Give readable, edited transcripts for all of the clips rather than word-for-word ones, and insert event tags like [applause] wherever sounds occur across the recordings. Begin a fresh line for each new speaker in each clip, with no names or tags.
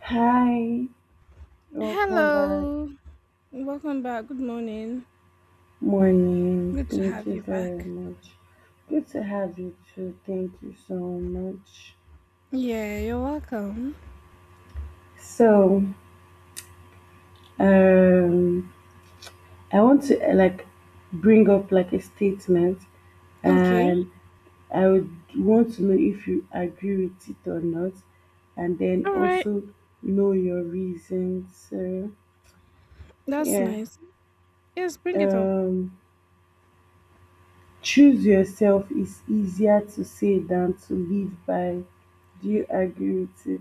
Hi, welcome back.
Hello, welcome back. Good morning.
Morning.
Good to
Thank
have
you
you
very
back.
much. Good to have you too. Thank you so much.
Yeah, you're welcome.
So, um, I want to like bring up like a statement,
Okay,
and I would want to know if you agree with it or not, and then
all right,
also know your reasons. So,
that's
yeah.
nice. Yes, bring it up.
Um, Choose yourself is easier to say than to live by. Do you agree with it?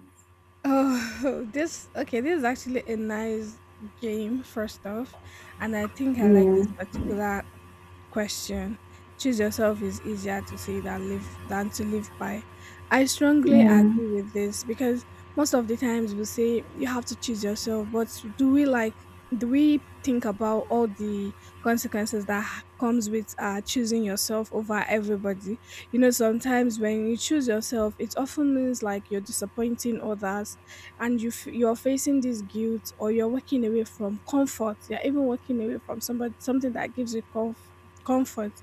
Oh, [laughs] this okay. This is actually a nice game, first off, and I think I like
Yeah,
this particular Question. Choose yourself is easier to say than live than to live by. I strongly
yeah,
agree with this because most of the times we say you have to choose yourself, but do we like do we think about all the consequences that comes with choosing yourself over everybody? You know, sometimes when you choose yourself, it often means like you're disappointing others, and you you're facing this guilt, or you're walking away from comfort. You're even walking away from somebody something that gives you Comfort.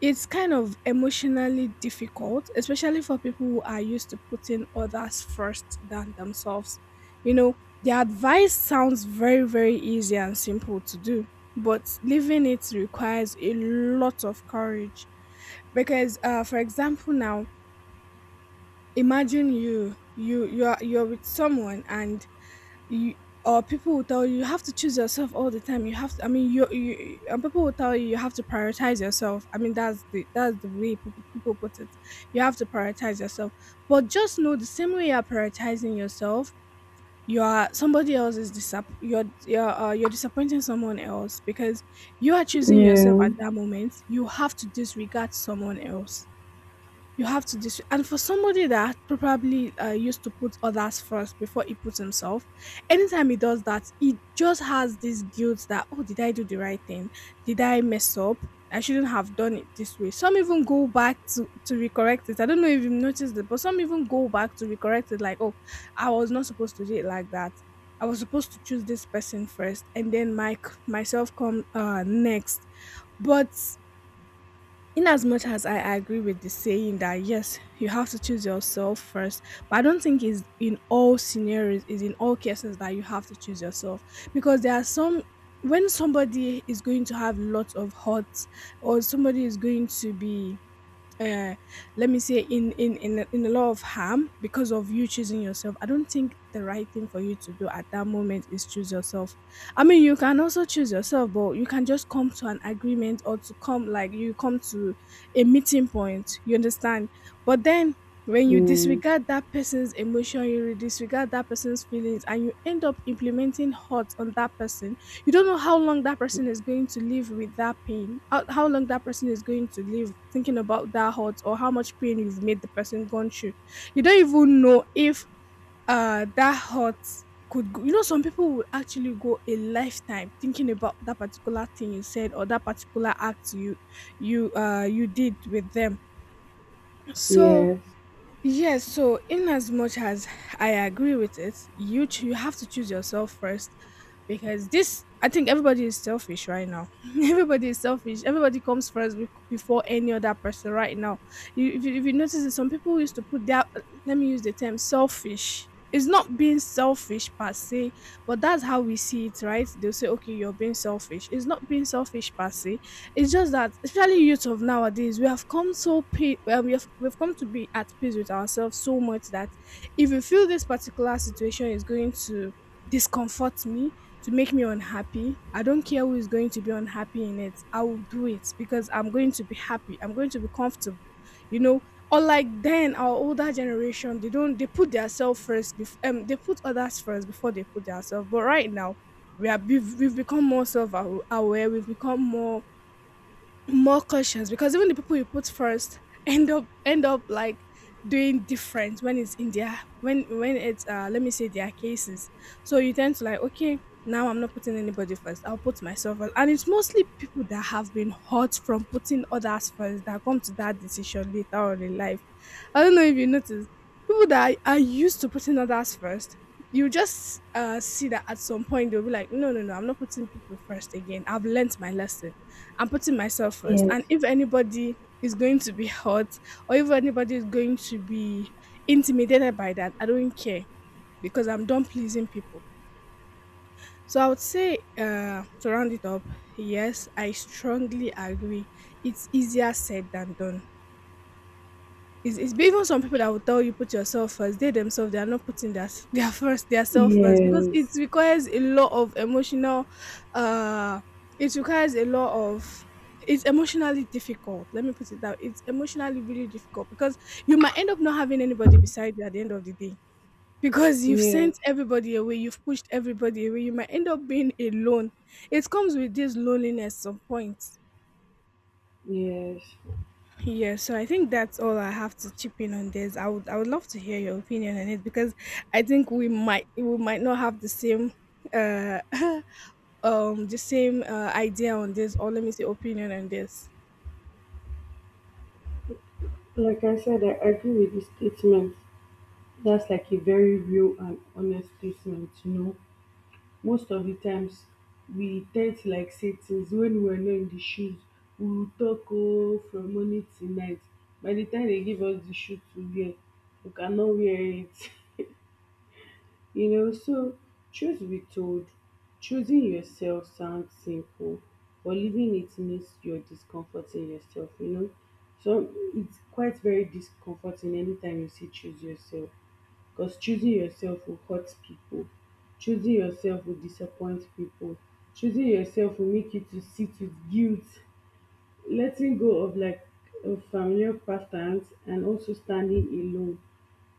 It's kind of emotionally difficult, especially for people who are used to putting others first than themselves. You know, the advice sounds very, very easy and simple to do, but living it requires a lot of courage. Because, for example, now imagine you you you are you're with someone and you or people will tell you you have to choose yourself all the time. You have to, I mean, you and people will tell you you have to prioritize yourself. I mean, that's the way people put it. You have to prioritize yourself, but just know the same way you are prioritizing yourself, you are somebody else is you're you're disappointing someone else because you are choosing yourself at
yeah.
that moment. You have to disregard someone else. You have to dis And for somebody that probably, used to put others first before he puts himself, anytime he does that, he just has this guilt that, "Oh, did I do the right thing? Did I mess up? I shouldn't have done it this way." Some even go back to recorrect it. I don't know if you've noticed it, but some even go back to recorrect it like, "Oh, I was not supposed to do it like that. I was supposed to choose this person first and then my myself come, next." But in as much as I agree with the saying that yes, you have to choose yourself first, but I don't think it's in all scenarios, is in all cases that you have to choose yourself because there are some when somebody is going to have lots of hurts or somebody is going to be uh, let me say in a lot of harm because of you choosing yourself, I don't think the right thing for you to do at that moment is choose yourself. I mean, you can also choose yourself, but you can just come to an agreement or to come like you come to a meeting point, you understand. But then when you
Mm.
disregard that person's emotion, you disregard that person's feelings and you end up implementing hurt on that person. You don't know how long that person is going to live with that pain, how long that person is going to live thinking about that hurt, or how much pain you've made the person gone through. You don't even know if that hurt could go. You know, some people would actually go a lifetime thinking about that particular thing you said or that particular act you you did with them. So
Yes,
Yes, so in as much as I agree with it, you have to choose yourself first because this I think everybody is selfish right now. [laughs] Everybody is selfish. Everybody comes first before any other person right now. You, if you notice that some people used to put their let me use the term selfish. It's not being selfish per se, but that's how we see it, right? They'll say, okay, you're being selfish. It's not being selfish per se. It's just that, especially youth of nowadays, we have come so we have we've come to be at peace with ourselves so much that if you feel this particular situation is going to discomfort me, to make me unhappy, I don't care who is going to be unhappy in it. I will do it because I'm going to be happy. I'm going to be comfortable. You know, unlike then our older generation, they don't they put themselves first. They put others first before they put themselves. But right now, we've become more self-aware. We've become more cautious because even the people you put first [laughs] end up like doing different when it's in their when it's let me say their cases. So you tend to like okay, now I'm not putting anybody first, I'll put myself first. And it's mostly people that have been hurt from putting others first that come to that decision later on in life. I don't know if you notice, people that are used to putting others first, you just see that at some point they'll be like, no, no, no, I'm not putting people first again, I've learnt my lesson. I'm putting myself first. And
yes,
if anybody is going to be hurt or if anybody is going to be intimidated by that, I don't care because I'm done pleasing people. So I would say, to round it up, yes, I strongly agree. It's easier said than done. It's even some people that will tell you put yourself first. They themselves they are not putting their [laughs] their self first because it
yes,
requires a lot of emotional. Uh, it requires a lot of. It's emotionally difficult. Let me put it that way. It's emotionally really difficult because you might end up not having anybody beside you at the end of the day because you've sent
yes,
everybody away. You've pushed everybody away. You might end up being alone. It comes with this loneliness some point.
yes.
Yeah, so I think that's all I have to chip in on this. I would love to hear your opinion on it because I think we might not have the same uh [laughs] the same idea on this, or let me say opinion on this.
Like I said, I agree with the statement. That's like a very real and honest statement. Most of the times, we tend to like say things when we are not in the shoes. We would talk, oh, from morning till night. By the time they give us the shoe to wear, we cannot wear it. [laughs] So truth be told, choosing yourself sounds simple, but living it means you're discomforting yourself so it's quite very discomforting anytime you see "choose yourself", because choosing yourself will hurt people. Choosing yourself will disappoint people. Choosing yourself will make you to sit with guilt. Letting go of like a familiar patterns and also standing alone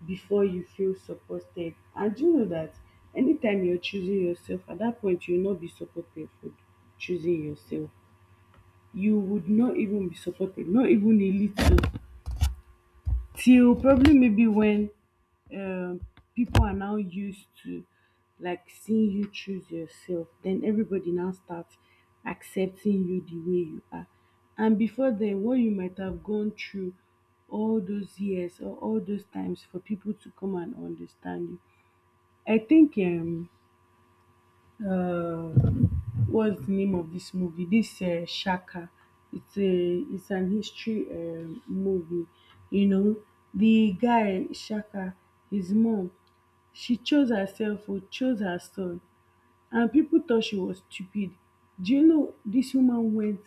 before you feel supported. And do you know that anytime you're choosing yourself, at that point you'll not be supported for choosing yourself. You would not even be supported, not even a little, till probably maybe when um, people are now used to like seeing you choose yourself, then everybody now starts accepting you the way you are. And before then, what you might have gone through all those years or all those times for people to come and understand you. I think uh, what's the name of this movie? This Shaka. It's an history movie. You know, the guy Shaka, his mom, she chose herself or chose her son, and people thought she was stupid. Do you know this woman went,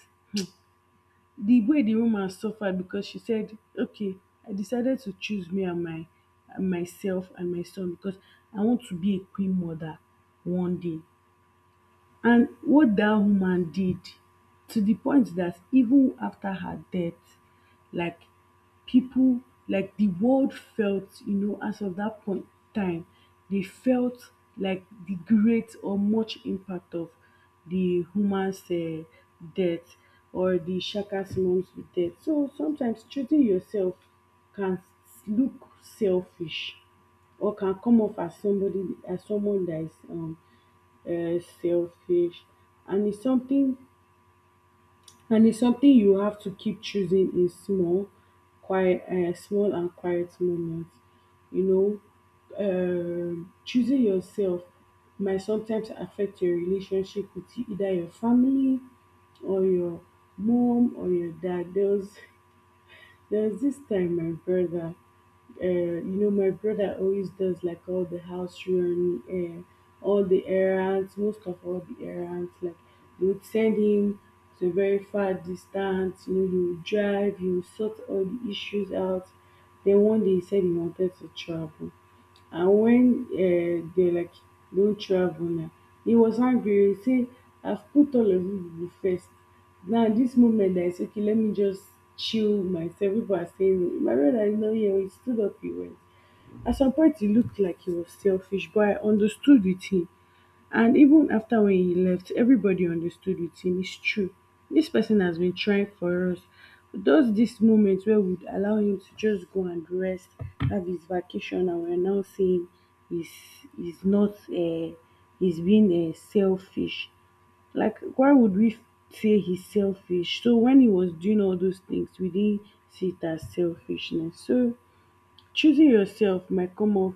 the way the woman suffered, because she said, "Okay, I decided to choose me and my and myself and my son because I want to be a queen mother one day." And what that woman did, to the point that even after her death, like people, like the world felt, as of that point time, they felt like the great or much impact of the woman's death, or the Shaka's mom's death. So sometimes treating yourself can look selfish, or can come off as somebody, as someone that is selfish. And it's something and it's something you have to keep choosing in small and quiet moments. You know, choosing yourself might sometimes affect your relationship with either your family or your mom or your dad. There was this time my brother, my brother always does like all the house run, all the errands, most of all the errands. Like they would send him to a very far distance. You know, he would drive, he would sort all the issues out. Then one day he said he wanted to travel. And when they like, "Don't travel now," he was angry, he say, "I've put all of you people first. Now this moment I say, okay, let me just chill myself." People are saying no. My brother is not here oo. He stood up, he went. At some point he looked like he was selfish, but I understood with him. And even after when he left, everybody understood with him. It's true. This person has been trying for us. Those this moment where we'd allow him to just go and rest, have his vacation, and we're now saying he's he's not, he's being selfish. Like why would we say he's selfish? So when he was doing all those things, we didn't see it as selfishness. So choosing yourself might come off,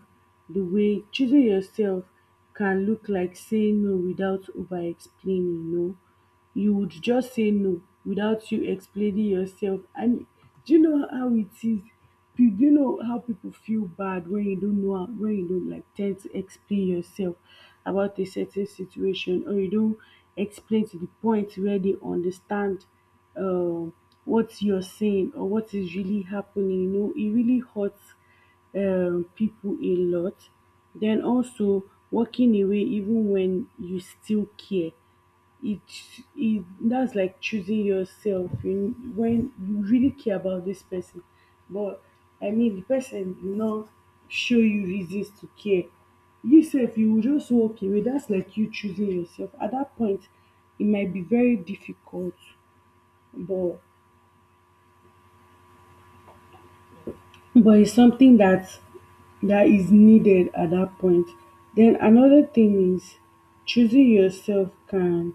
the way choosing yourself can look like saying no without over explaining. You would just say no without you explaining yourself. And do you know how it is? Do you know how people feel bad when you don't know how, when you don't like tend to explain yourself about a certain situation, or you don't explain to the point where they understand um, what you're saying or what is really happening. You know, it really hurts people a lot. Then also walking away even when you still care. It, it that's like choosing yourself, you, when you really care about this person, but I mean the person do not show you reasons to care. You say if you will just walk away. That's like you choosing yourself. At that point, it might be very difficult, but But it's something that is needed at that point. Then another thing is, choosing yourself can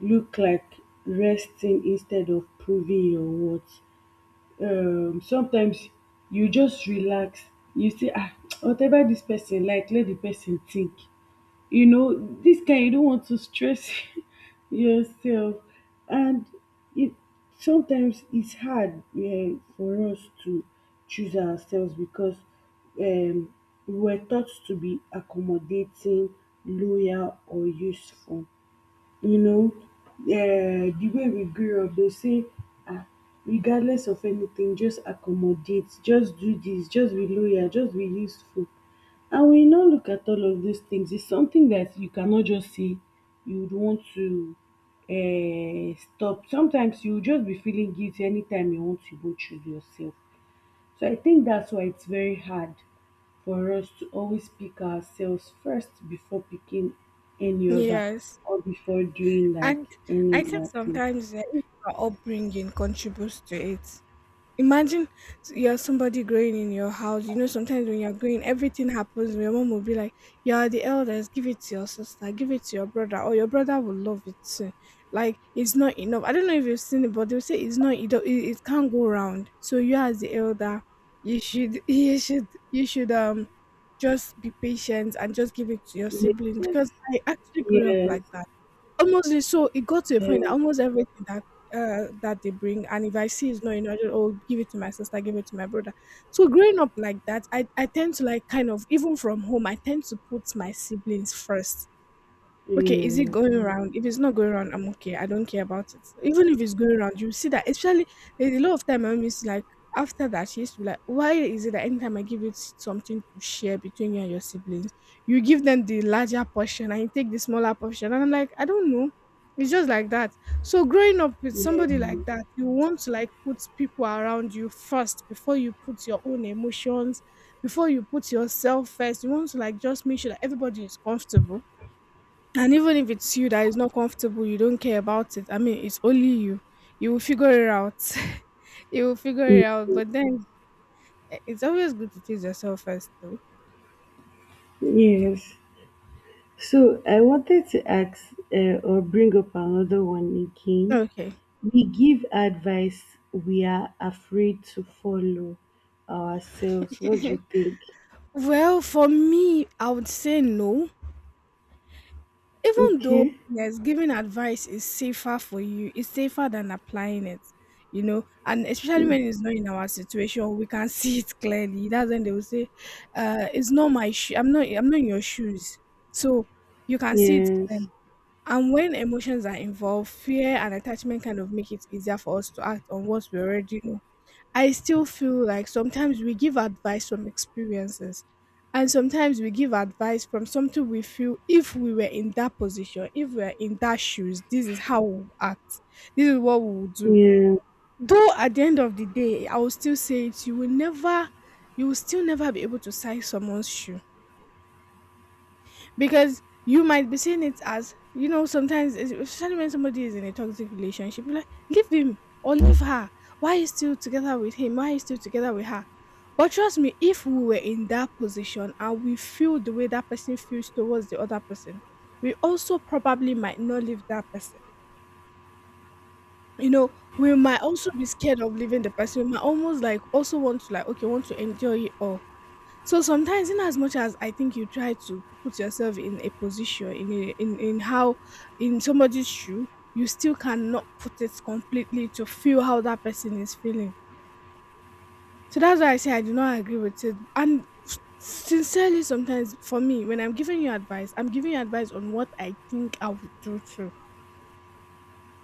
look like resting instead of proving your worth. Sometimes you just relax. You say, ah, [tsk] whatever this person like, let the person think, you know, this guy, you don't want to stress [laughs] yourself. And it sometimes it's hard, for us to choose ourselves, because um, we're taught to be accommodating, loyal or useful. You know, the way we grew up, they say, ah, regardless of anything, just accommodate, just do this, just be loyal, just be useful. And when you now look at all of these things, it's something that you cannot just say you would want to stop. Sometimes you will just be feeling guilty anytime you want to go choose yourself. So I think that's why it's very hard for us to always pick ourselves first before picking any other,
Yes.
or before doing like
And I
any
think
other thing.
sometimes even our upbringing contributes to it. Imagine you're somebody growing in your house. You know, sometimes when you're growing, everything happens. Your mom will be like, you are the eldest, give it to your sister, give it to your brother, or your brother will love it too. Like, it's not enough. I don't know if you've seen it, but they'll say it's not, it, don't- it can't go round. So, you as the elder, you should, [laughs] you should, just be patient and just give it to your
Yes,
sibling because I actually grew up
yes,
like that. Almost so it got to a
yes,
point that almost everything that that they bring, and if I see it's not enough, I will give it to my sister, give it to my brother. So growing up like that, I tend to like kind of, even from home, I tend to put my siblings first. Okay, is it
yes,
going around? If it's not going around, I'm okay. I don't care about it. Even if it's going around, you see that. Especially, there's a lot of time I miss. Like after that, she used to be like, "Why is it that anytime I give you something to share between you and your siblings, you give them the larger portion and you take the smaller portion?" And I'm like, I don't know. It's just like that. So growing up with
yes.
somebody like that, you want to like put people around you first before you put your own emotions, before you put yourself first. You want to like just make sure that everybody is comfortable, and even if it's you that is not comfortable, you don't care about it. I mean, it's only you. You will figure it out. [laughs] You will figure it
Ye-
out. But then eh, it's always good to choose yourself first, though.
Yes. So I wanted to ask, or bring up another one again.
Okay.
We give advice we are afraid to follow ourselves. What do you think?
Well, for me, I would say no. Even though,
Okay.
yes, giving advice is safer for you, it's safer than applying it, you know. And especially when it's not in our situation, we can [laughs] see it clearly. That's when they will say, it's not my shoe. I'm not in your shoes. So you can see it clearly.
Yes.
And when emotions are involved, fear and attachment kind of make it easier for us to act on what we already know. I still feel like sometimes we give advice from experiences, and sometimes we give advice from something we feel if we were in that position, if we were in that shoes, this is how we would act, this is what we would do.
Yeah,
Though at the end of the day, I will still say it, you will never, you will still never be able to size someone's shoe because you might be seeing it as sometimes especially when somebody is in a toxic relationship, you're like leave him or leave her. Why are you still together with him? Why are you still together with her? But trust me, if we were in that position and we feel the way that person feels towards the other person, we also probably might not leave that person, you know. We might also be scared of leaving the person. We might almost like also want to like okay want to enjoy it all. So sometimes, in as much as I think you try to put yourself in a position in how, in somebody's shoe, you still cannot put it completely to feel how that person is feeling. So that's why I say I do not agree with it. And sincerely, sometimes for me, when I'm giving you advice, I'm giving you advice on what I think I would do too.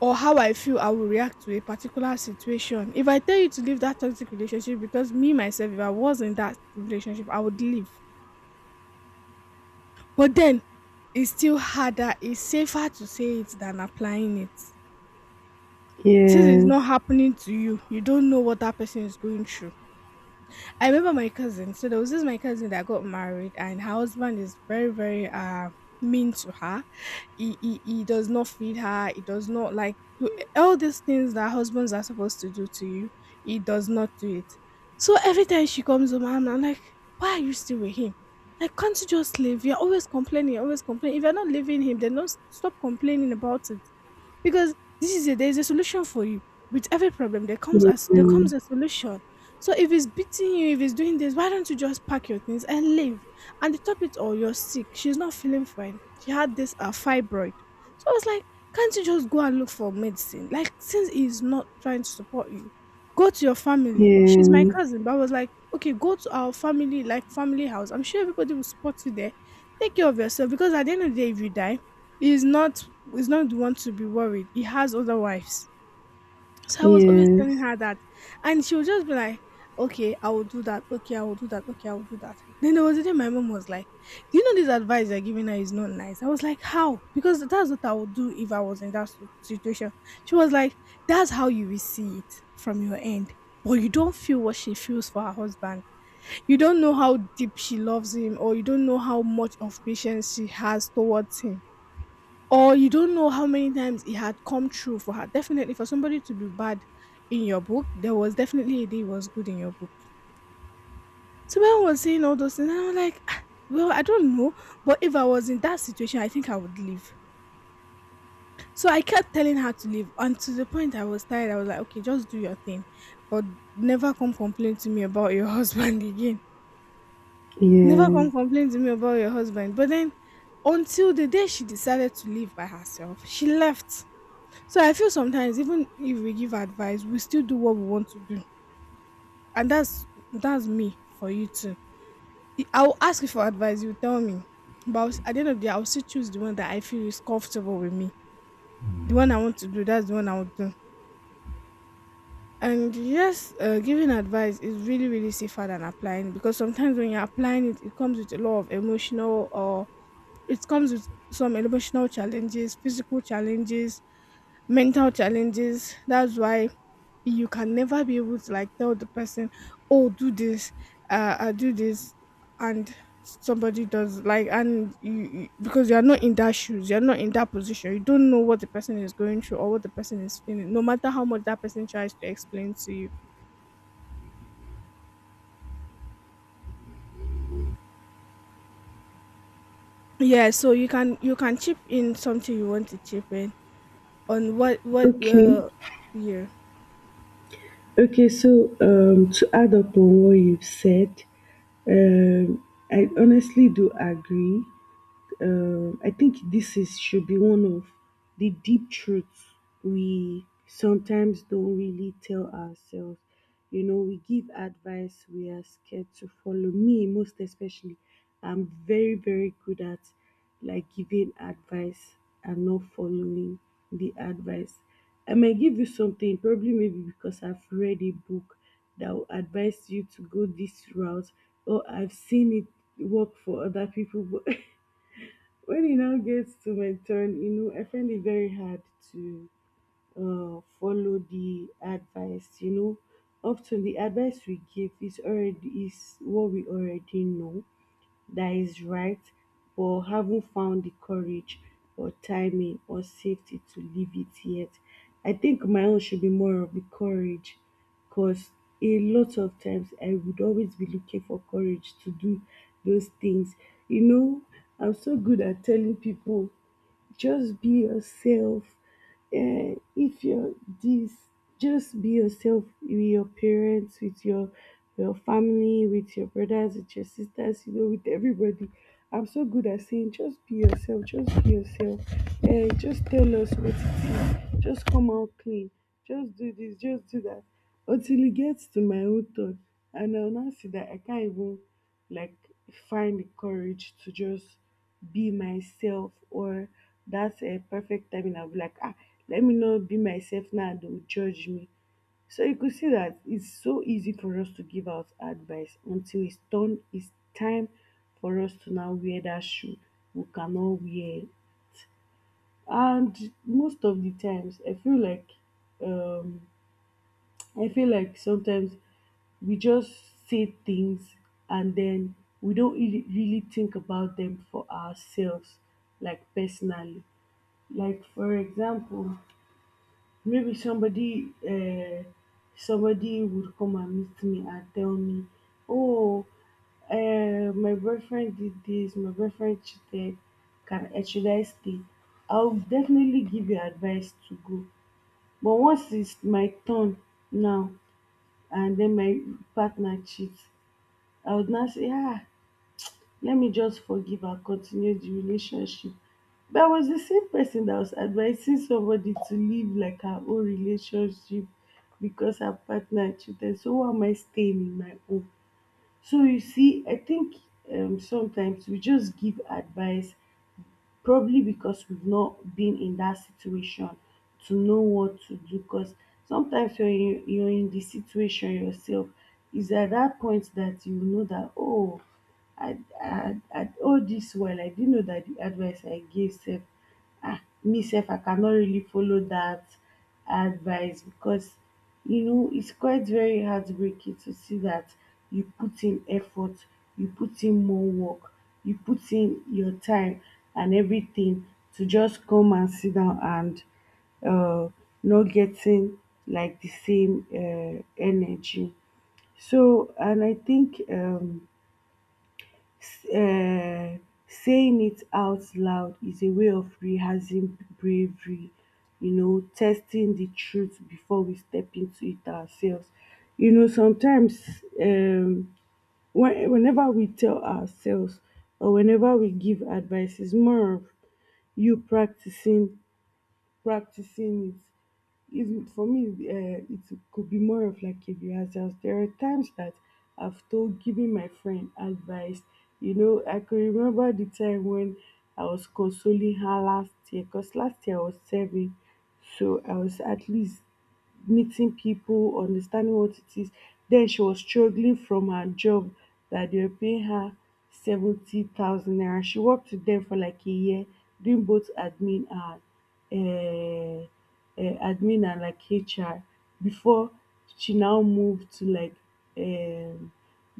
Or how I feel I will react to a particular situation. If I tell you to leave that toxic relationship, because me myself, if I was in that relationship, I would leave. But then it's still harder, it's safer to say it than applying it. Since it's not
yes,
happening to you, you don't know what that person is going through. I remember my cousin. So there was this my cousin that got married, and her husband is very, very mean to her. He does not feed her. He does not like do all these things that husbands are supposed to do to you. He does not do it. So every time she comes home, I'm like, why are you still with him? Like, can't you just live? You're always complaining. You're always complaining. If you're not leaving him, then don't stop complaining about it, because this is a, there is a solution for you. With every problem there comes as there comes
mhm,
a solution. So if he's beating you, if he's doing this, why don't you just pack your things and leave? And to top it all, you're sick. She's not feeling fine. She had this fibroid. So I was like, can't you just go and look for medicine? Like, since he's not trying to support you, go to your family. She's my
yeah,
cousin, but I was like, okay, go to our family, like family house. I'm sure everybody will support you there. Take care of yourself, because at the end of the day, if you die, he's not, he's not the one to be worried. He has other wives. So I was always telling
yes,
her that, and she would just be like, "Okay, I will do that. Okay, I will do that. Okay, I will do that." Then there was a day my mom was like, "Do you know this advice you're giving her is not nice?" I was like, "How?" Because that's what I would do if I was in that situation. She was like, "That's how you will see it from your end." But you don't feel what she feels for her husband. You don't know how deep she loves him, or you don't know how much of patience she has towards him, or you don't know how many times it had come true for her. Definitely for somebody to be bad in your book, there was definitely a day it was good in your book. So when I was saying all those things, and I was like, "Ah, well, I don't know. But if I was in that situation, I think I would leave." So I kept telling her to leave. And to the point I was tired, I was like, okay, just do your thing. But never come complain to me about your [laughs] husband again. Never
yeah.
come complain to me about your husband. But then until the day she decided to leave by herself, she left. So I feel sometimes even if we give advice, we still do what we want to do, and that's me for you too. I will ask you for advice, you tell me, but at the end of the day, I will still choose the one that I feel is comfortable with me. The one I want to do, that's the one I will do. And yes, giving advice is really really safer than applying, because sometimes when you're applying it, it comes with a lot of emotional, or it comes with some emotional challenges, physical challenges, mental challenges. That's why you can never be able to like tell the person, "Oh, do this," and somebody does like and you because you are not in that shoes, you're not in that position, you don't know what the person is going through or what the person is feeling, no matter how much that person tries to explain to you. Yeah, so you can, you can chip in something you want to chip in on what what
Okay,
uh Yeah.
okay. So, to add up on what you've said, um, I honestly do agree. I think this is should be one of the deep truths we sometimes don't really tell ourselves. You know, we give advice we are scared to follow. Me, most especially, I'm very, very good at like giving advice and not following the advice. I might give you something, probably maybe because I've read a book that will advise you to go this route, or I've seen it work for other people. But [laughs] when it now gets to my turn, you know, I find it very hard to follow the advice. You know, often the advice we give is what we already know, that is right, but haven't found the courage or timing or safety to leave it yet. I think my own should be more of the courage, because a lot of times I would always be looking for courage to do those things. You know, I'm so good at telling people just be yourself, if you're this, just be yourself with your parents, with your family, with your brothers, with your sisters, you know, with everybody. I'm so good at saying just be yourself, just be yourself, just tell us what it is, just come out clean, just do this, just do that, until it gets to my own turn, and I'll now see that I can't even like find the courage to just be myself, or that's a perfect timing. I'll be like, ah, let me not be myself now, they will judge me. So you could see that it's so easy for us to give out advice until it's done, it's time for us to now wear that shoe we cannot wear. And most of the times, I feel like um sometimes we just say things, and then we don't really really think about them for ourselves, like personally. Like for example, maybe somebody would come and meet me and tell me, "Oh, my boyfriend did this. My boyfriend cheated. Can should I stay?" I'll definitely give you advice to go. But once it's my turn now, and then my partner cheats, I would now say, "Ah, let me just forgive and continue the relationship." But I was the same person that was advising somebody to leave like her own relationship because her partner cheated. So why am I staying in my own? So you see, I think sometimes we just give advice probably because we've not been in that situation to know what to do because sometimes when you're in the situation yourself, it's at that point that you know that, oh, I all this while I didn't know that the advice I gave self. Ah, me sef I cannot really follow that advice because, you know, it's quite very heartbreaking to see that you put in effort, you put in more work, you put in your time and everything to just come and sit down and uh, not getting like the same energy. So, and I think uh, saying it out loud is a way of rehearsing bravery, you know, testing the truth before we step into it ourselves. You know, sometimes whenever we tell ourselves or whenever we give advice, it's more of you practicing it. It's, for me, it could be more of like a rehearsal. There are times that I've told giving my friend advice. You know, I can remember the time when I was consoling her last year because last year I was serving, so I was at least meeting people, understanding what it is. Then she was struggling from her job that they were paying her 70,000 naira. She worked with them for like a year, doing both admin and admin and like HR before she now moved to like um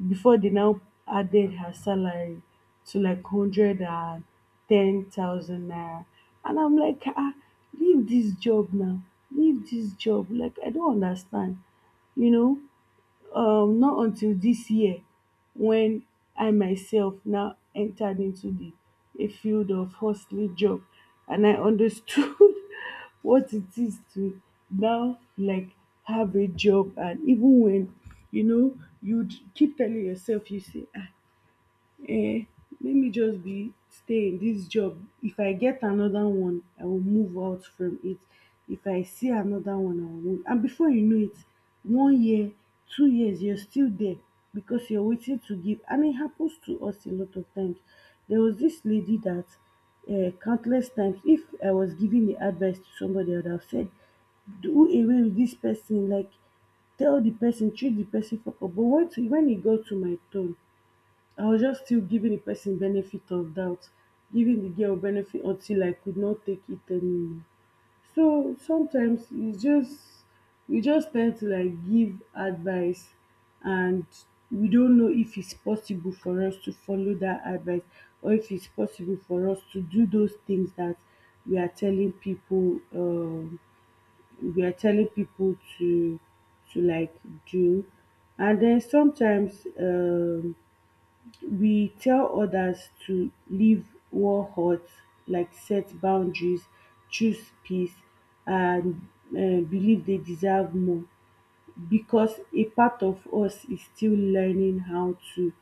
before they now added her salary to like 110,000 naira. And I'm like, ah, leave this job now, leave this job. Like, I don't understand, you know. Not until dis year wen I myself now entered into the a field of hustling job, and I understood [laughs] what it is to now, like, have a job. And even when, you know, you'd keep telling yourself, you say, ah, um let me just be stay in dis job. If I get another one I will move out from it, if I see another one I will move. And before you know it, one year, 2 years, you're still there because you're waiting to give. And it happens to us a lot of times. There was this lady that, countless times if I was giving the advice to somebody I would have said, do away with this person, like, tell the person, treat the person for. But once when it got to my turn, I was just still giving the person benefit of doubt, giving the girl benefit until I could not take it anymore. So sometimes it's just we just tend to like give advice and we don't know if it's possible for us to follow that advice or if it's possible for us to do those things that we are telling people we are telling people to like do. And then sometimes we tell others to live war hurt, like, set boundaries, choose peace, and believe they deserve more because a part of us is still learning how to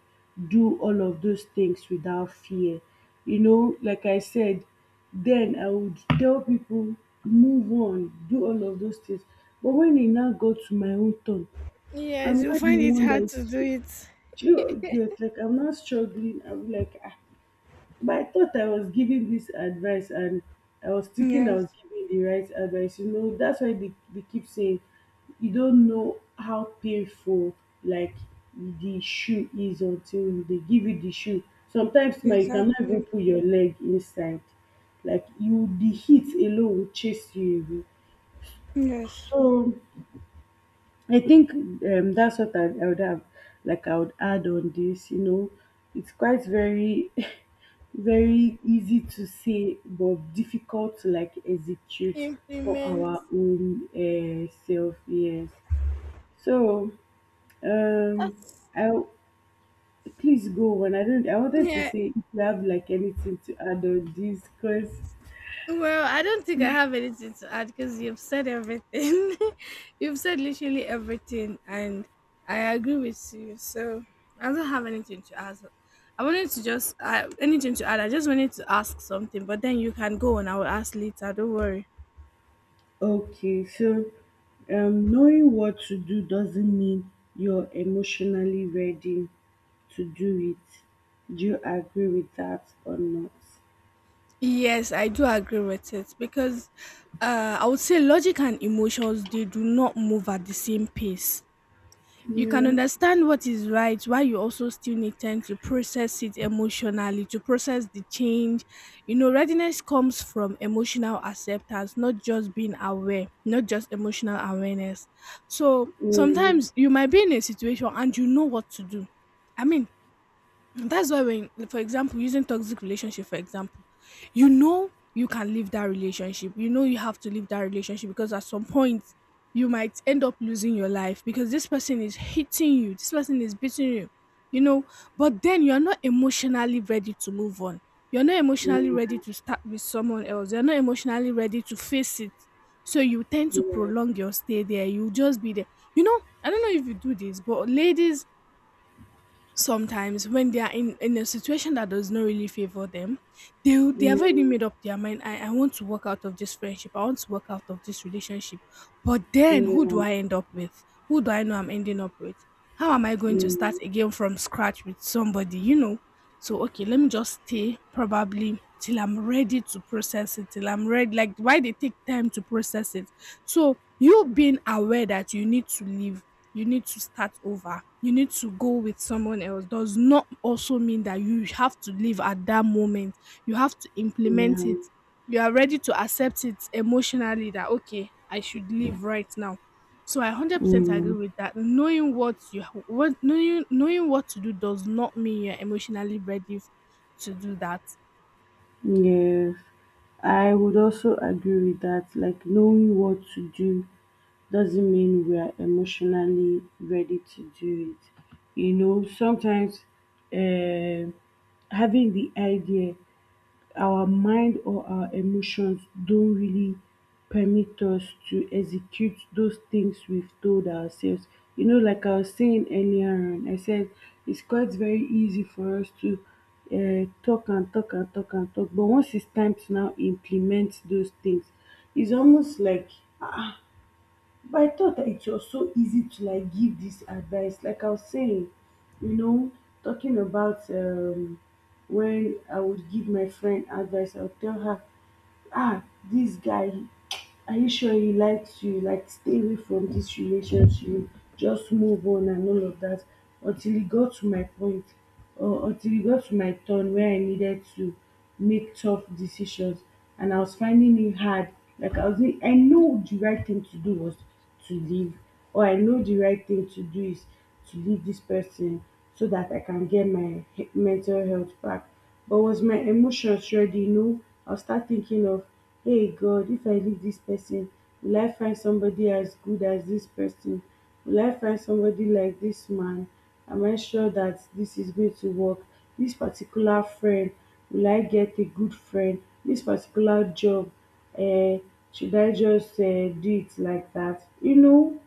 do all of those things without fear. You know, like I said, then I would tell people, move on, do all of those things. But when e now got to my own turn, I'm
Yes, you
not the
find it
one that
hard
is,
to do it.
do you get? Like, I'm not struggling. I'm like, ah, but I thought I was giving this advice and I was thinking I was
Yes.
giving the right advice. You know, that's why they keep saying you don't know how painful, like, the shoe is until they give you the shoe. Sometimes, man, you cannot even
Exactly.
put your leg inside. Like, you, the heat alone will chase you away.
Yes.
So I think that's what I would have, like, I would add on this. You know, it's quite very, [laughs] very easy to say, but difficult to like execute for
Implement.
our own self. Yes. So,
Uh,
um, I please go on. I don't. I wanted to
Yeah.
say if you have like anything to add on this, cause.
Well, I don't think I have anything to add because you've said everything. [laughs] You've said literally everything, and I agree with you. So I don't have anything to add. I wanted to just anything to add. I just wanted to ask something, but then you can go and I will ask later. Don't worry.
Okay, so knowing what to do doesn't mean you're emotionally ready to do it. Do you agree with that or not?
Yes, I do agree with it because I would say logic and emotions, they do not move at the same pace. You can
Yeah.
understand what is right while you also still need time to process it emotionally, to process the change. You know, readiness comes from emotional acceptance, not just being aware, not just emotional awareness. So
Mm,
sometimes you might be in a situation and you know what to do. I mean, and that's why when for example using toxic relationship, for example, you know, you can leave that relationship, you know you have to leave that relationship, because at some point you might end up losing your life, because this person is hitting you, this person is beating you, you know. But then you're not emotionally ready to move on, you're not emotionally
yeah,
ready to start with someone else, you're not emotionally ready to face it. So you tend to
yeah,
prolong your stay there, you just be there. You know, I don't know if you do this, but ladies sometimes when they are in a situation that does not really favor them, they
yeah,
have already made up their mind. I want to work out of this friendship, I want to work out of this relationship, but then who do
yeah,
I end up with? Who do I know I'm ending up with? How am I going to start
mm,
again from scratch with somebody, you know? So okay, let me just stay, probably till I'm ready to process it, till I'm ready, like why they take time to process it. So you being aware that you need to leave, you need to start over, you need to go with someone else does not also mean that you have to leave at that moment. You have to implement
yeah,
it. You are ready to accept it emotionally that okay, I should leave right now. So I 100% agree
mm,
with that. Knowing what you what knowing knowing what to do does not mean you're emotionally ready to do that.
yes, I would also agree with that. Like, knowing what to do doesn't mean we are emotionally ready to do it. You know, sometimes um having the idea, our mind or our emotions don't really permit us to execute those things we've told ourselves. You know, like I was saying earlier on, I said it's quite very easy for us to talk and talk and talk and talk, but once it's time to now implement those things, it's almost like, but I thought that it was so easy to like give this advice. Like I was saying, you know, talking about when I would give my friend advice, I would tell her, ah, this guy, are you sure he likes you? Like, stay away from this relationship, just move on and all of that. Until e got to my point or until e got to my turn where I needed to make tough decisions, and I was finding it hard. Like, I know the right thing to do was to leave, or I know the right thing to do is to leave this person so that I can get my mental health back. But was my emotions ready? No. I'll start thinking of, hey, God, if I leave this person, will I find somebody as good as this person? Will I find somebody like this man? Am I sure that this is going to work? This particular friend, will I get a good friend? This particular job, uh, should I just do it like that? You know,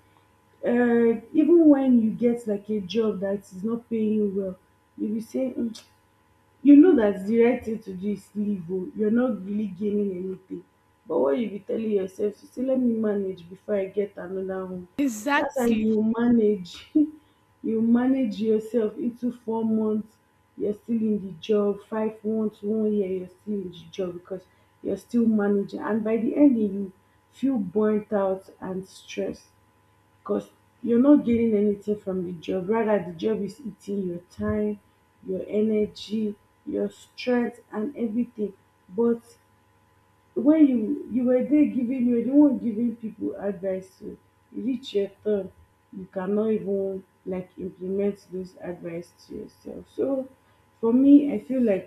even when you get like a job that is not paying you well, you will say, mm, you know that the right thing to do is leave, oh, you're not really gaining anything, but what you be telling yourself to say, let me manage before I get another one. That's how you
Exactly.
will manage. [laughs] You manage yourself into 4 months, you're still in the job, 5 months, one year, you're still in the job because you're still managing. And by the end, you feel burnt out and stressed because you're not gaining anything from the job. Rather, the job is eating your time, your energy, your strength, and everything. But when you were there giving, you were the one giving people advice, so e reach your turn, you cannot even like implement those advice to yourself. So for me, I feel like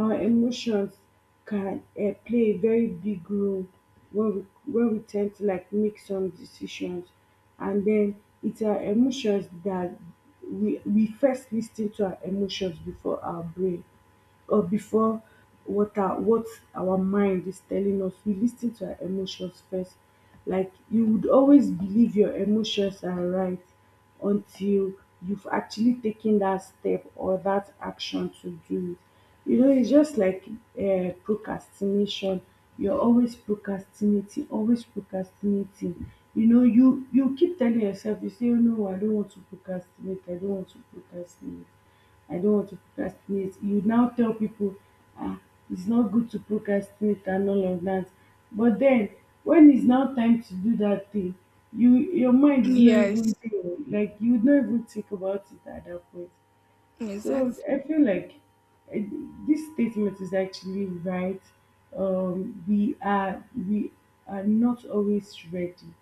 our emotions can play a very big role when we tend to like make some decisions. And then it's our emotions that we first listen to our emotions before our brain or before what our mind is telling us, we listen to our emotions first. Like, you would always believe your emotions are right until you've actually taken that step or that action to do it. You know, it's just like procrastination. You're always procrastinating, always procrastinating. You know, you keep telling yourself, you say, oh no, I don't want to procrastinate. I don't want to procrastinate. I don't want to procrastinate. You now tell people, ah, it's not good to procrastinate and all of that. But then, when it's now time to do that thing, you, your mind is not
Yes.
even there. Like, you would not even think about it at that point. So
Exactly.
I feel like uh, this statement is actually right. We are not always ready.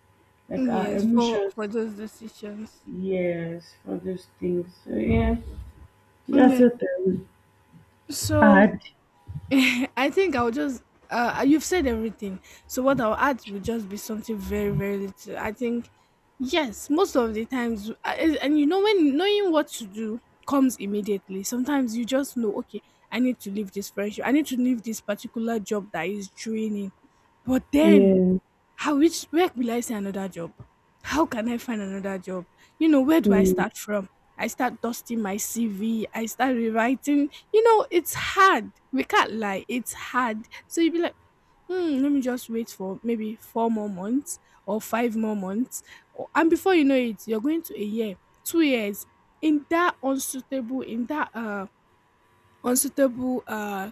Like, our
Yes, for
emotions,
for those decisions.
yes, for those things. So yeah,
Mm.
that's
Yeah.
what I would.
So
Hard.
[laughs] I think I'll just you've said everything. So what I'll add will just be something very very little. I think yes, most of the times, and you know when knowing what to do comes immediately. Sometimes you just know, okay, I need to leave this friendship. I need to leave this particular job that is draining. But then
Yeah.
how, which, where will I say another job? How can I find another job? You know, where do I
Mm,
start from? I start dusting my CV, I start rewriting. You know, it's hard. We can't lie, it's hard. So you'd be like, hmm, let me just wait for maybe four more months or five more months. And before you know it, you're going to a year, 2 years in that unsuitable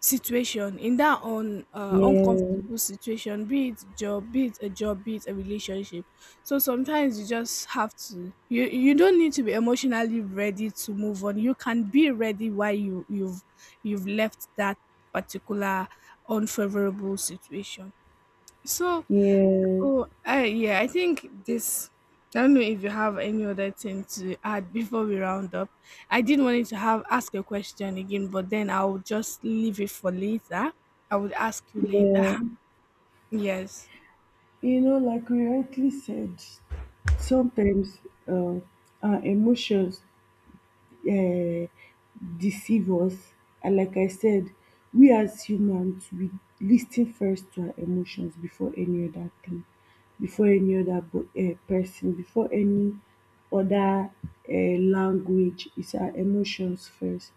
situation, in that un
yeah.
uncomfortable situation, be it job, be it a job, be it a relationship. So sometimes you just have to, you don't need to be emotionally ready to move on. You can be ready while you've you've left that particular unfavorable situation. So
Yes,
oh, I, yeah, I think this. I don't know if you have any other thing to add before we round up. I did want to have ask a question again, but then I'll just leave it for later. I would ask you later. [laughs]
yeah.
Yes.
You know, like we rightly said, sometimes uh, our emotions um deceive us. And like I said, we as humans, we lis ten first to our emotions before any other thing, before any other person, before any other language. It's our emotions first,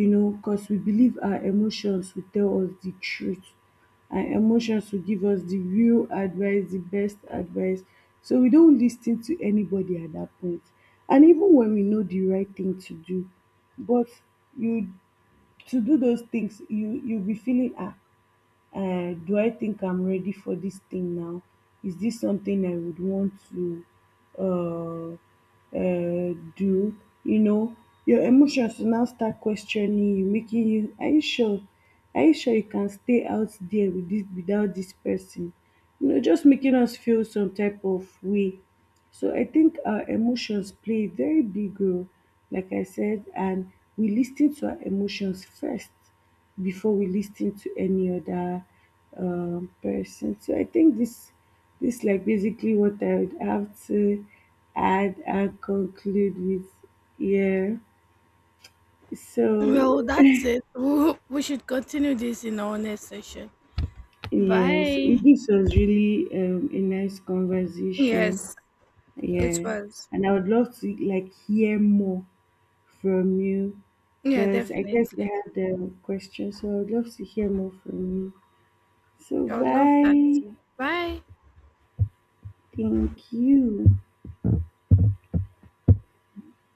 you know, cos we believe our emotions will tell us the truth, and emotions will give us the real advice, the best advice. So we don't listen to anybody at dat point. And even when we know the right thing to do, but you, to do those things, you will be feeling, ah, do I think I'm ready for this thing now? Is this something I would want to do? You know, your emotions will now start questioning you, making you, are you sure? Are you sure you can stay out there with this, without this person? You know, just making us feel some type of way. So I think our emotions play a very big role, like I said, and we listen to our emotions first before we listen to any other person. So I think this, this like basically what I would have to add and conclude with. Yeah. So
Well, that's it. We should continue this in our next session.
yes,
Bye.
it- this was really a nice conversation.
Yes, it
Yeah,
was.
and I would love to like hear more from you
Yeah,
because I guess you
definitely.
have the question, so I would love to hear more from you. So
I would love that
bye.
too. Bye.
Thank you.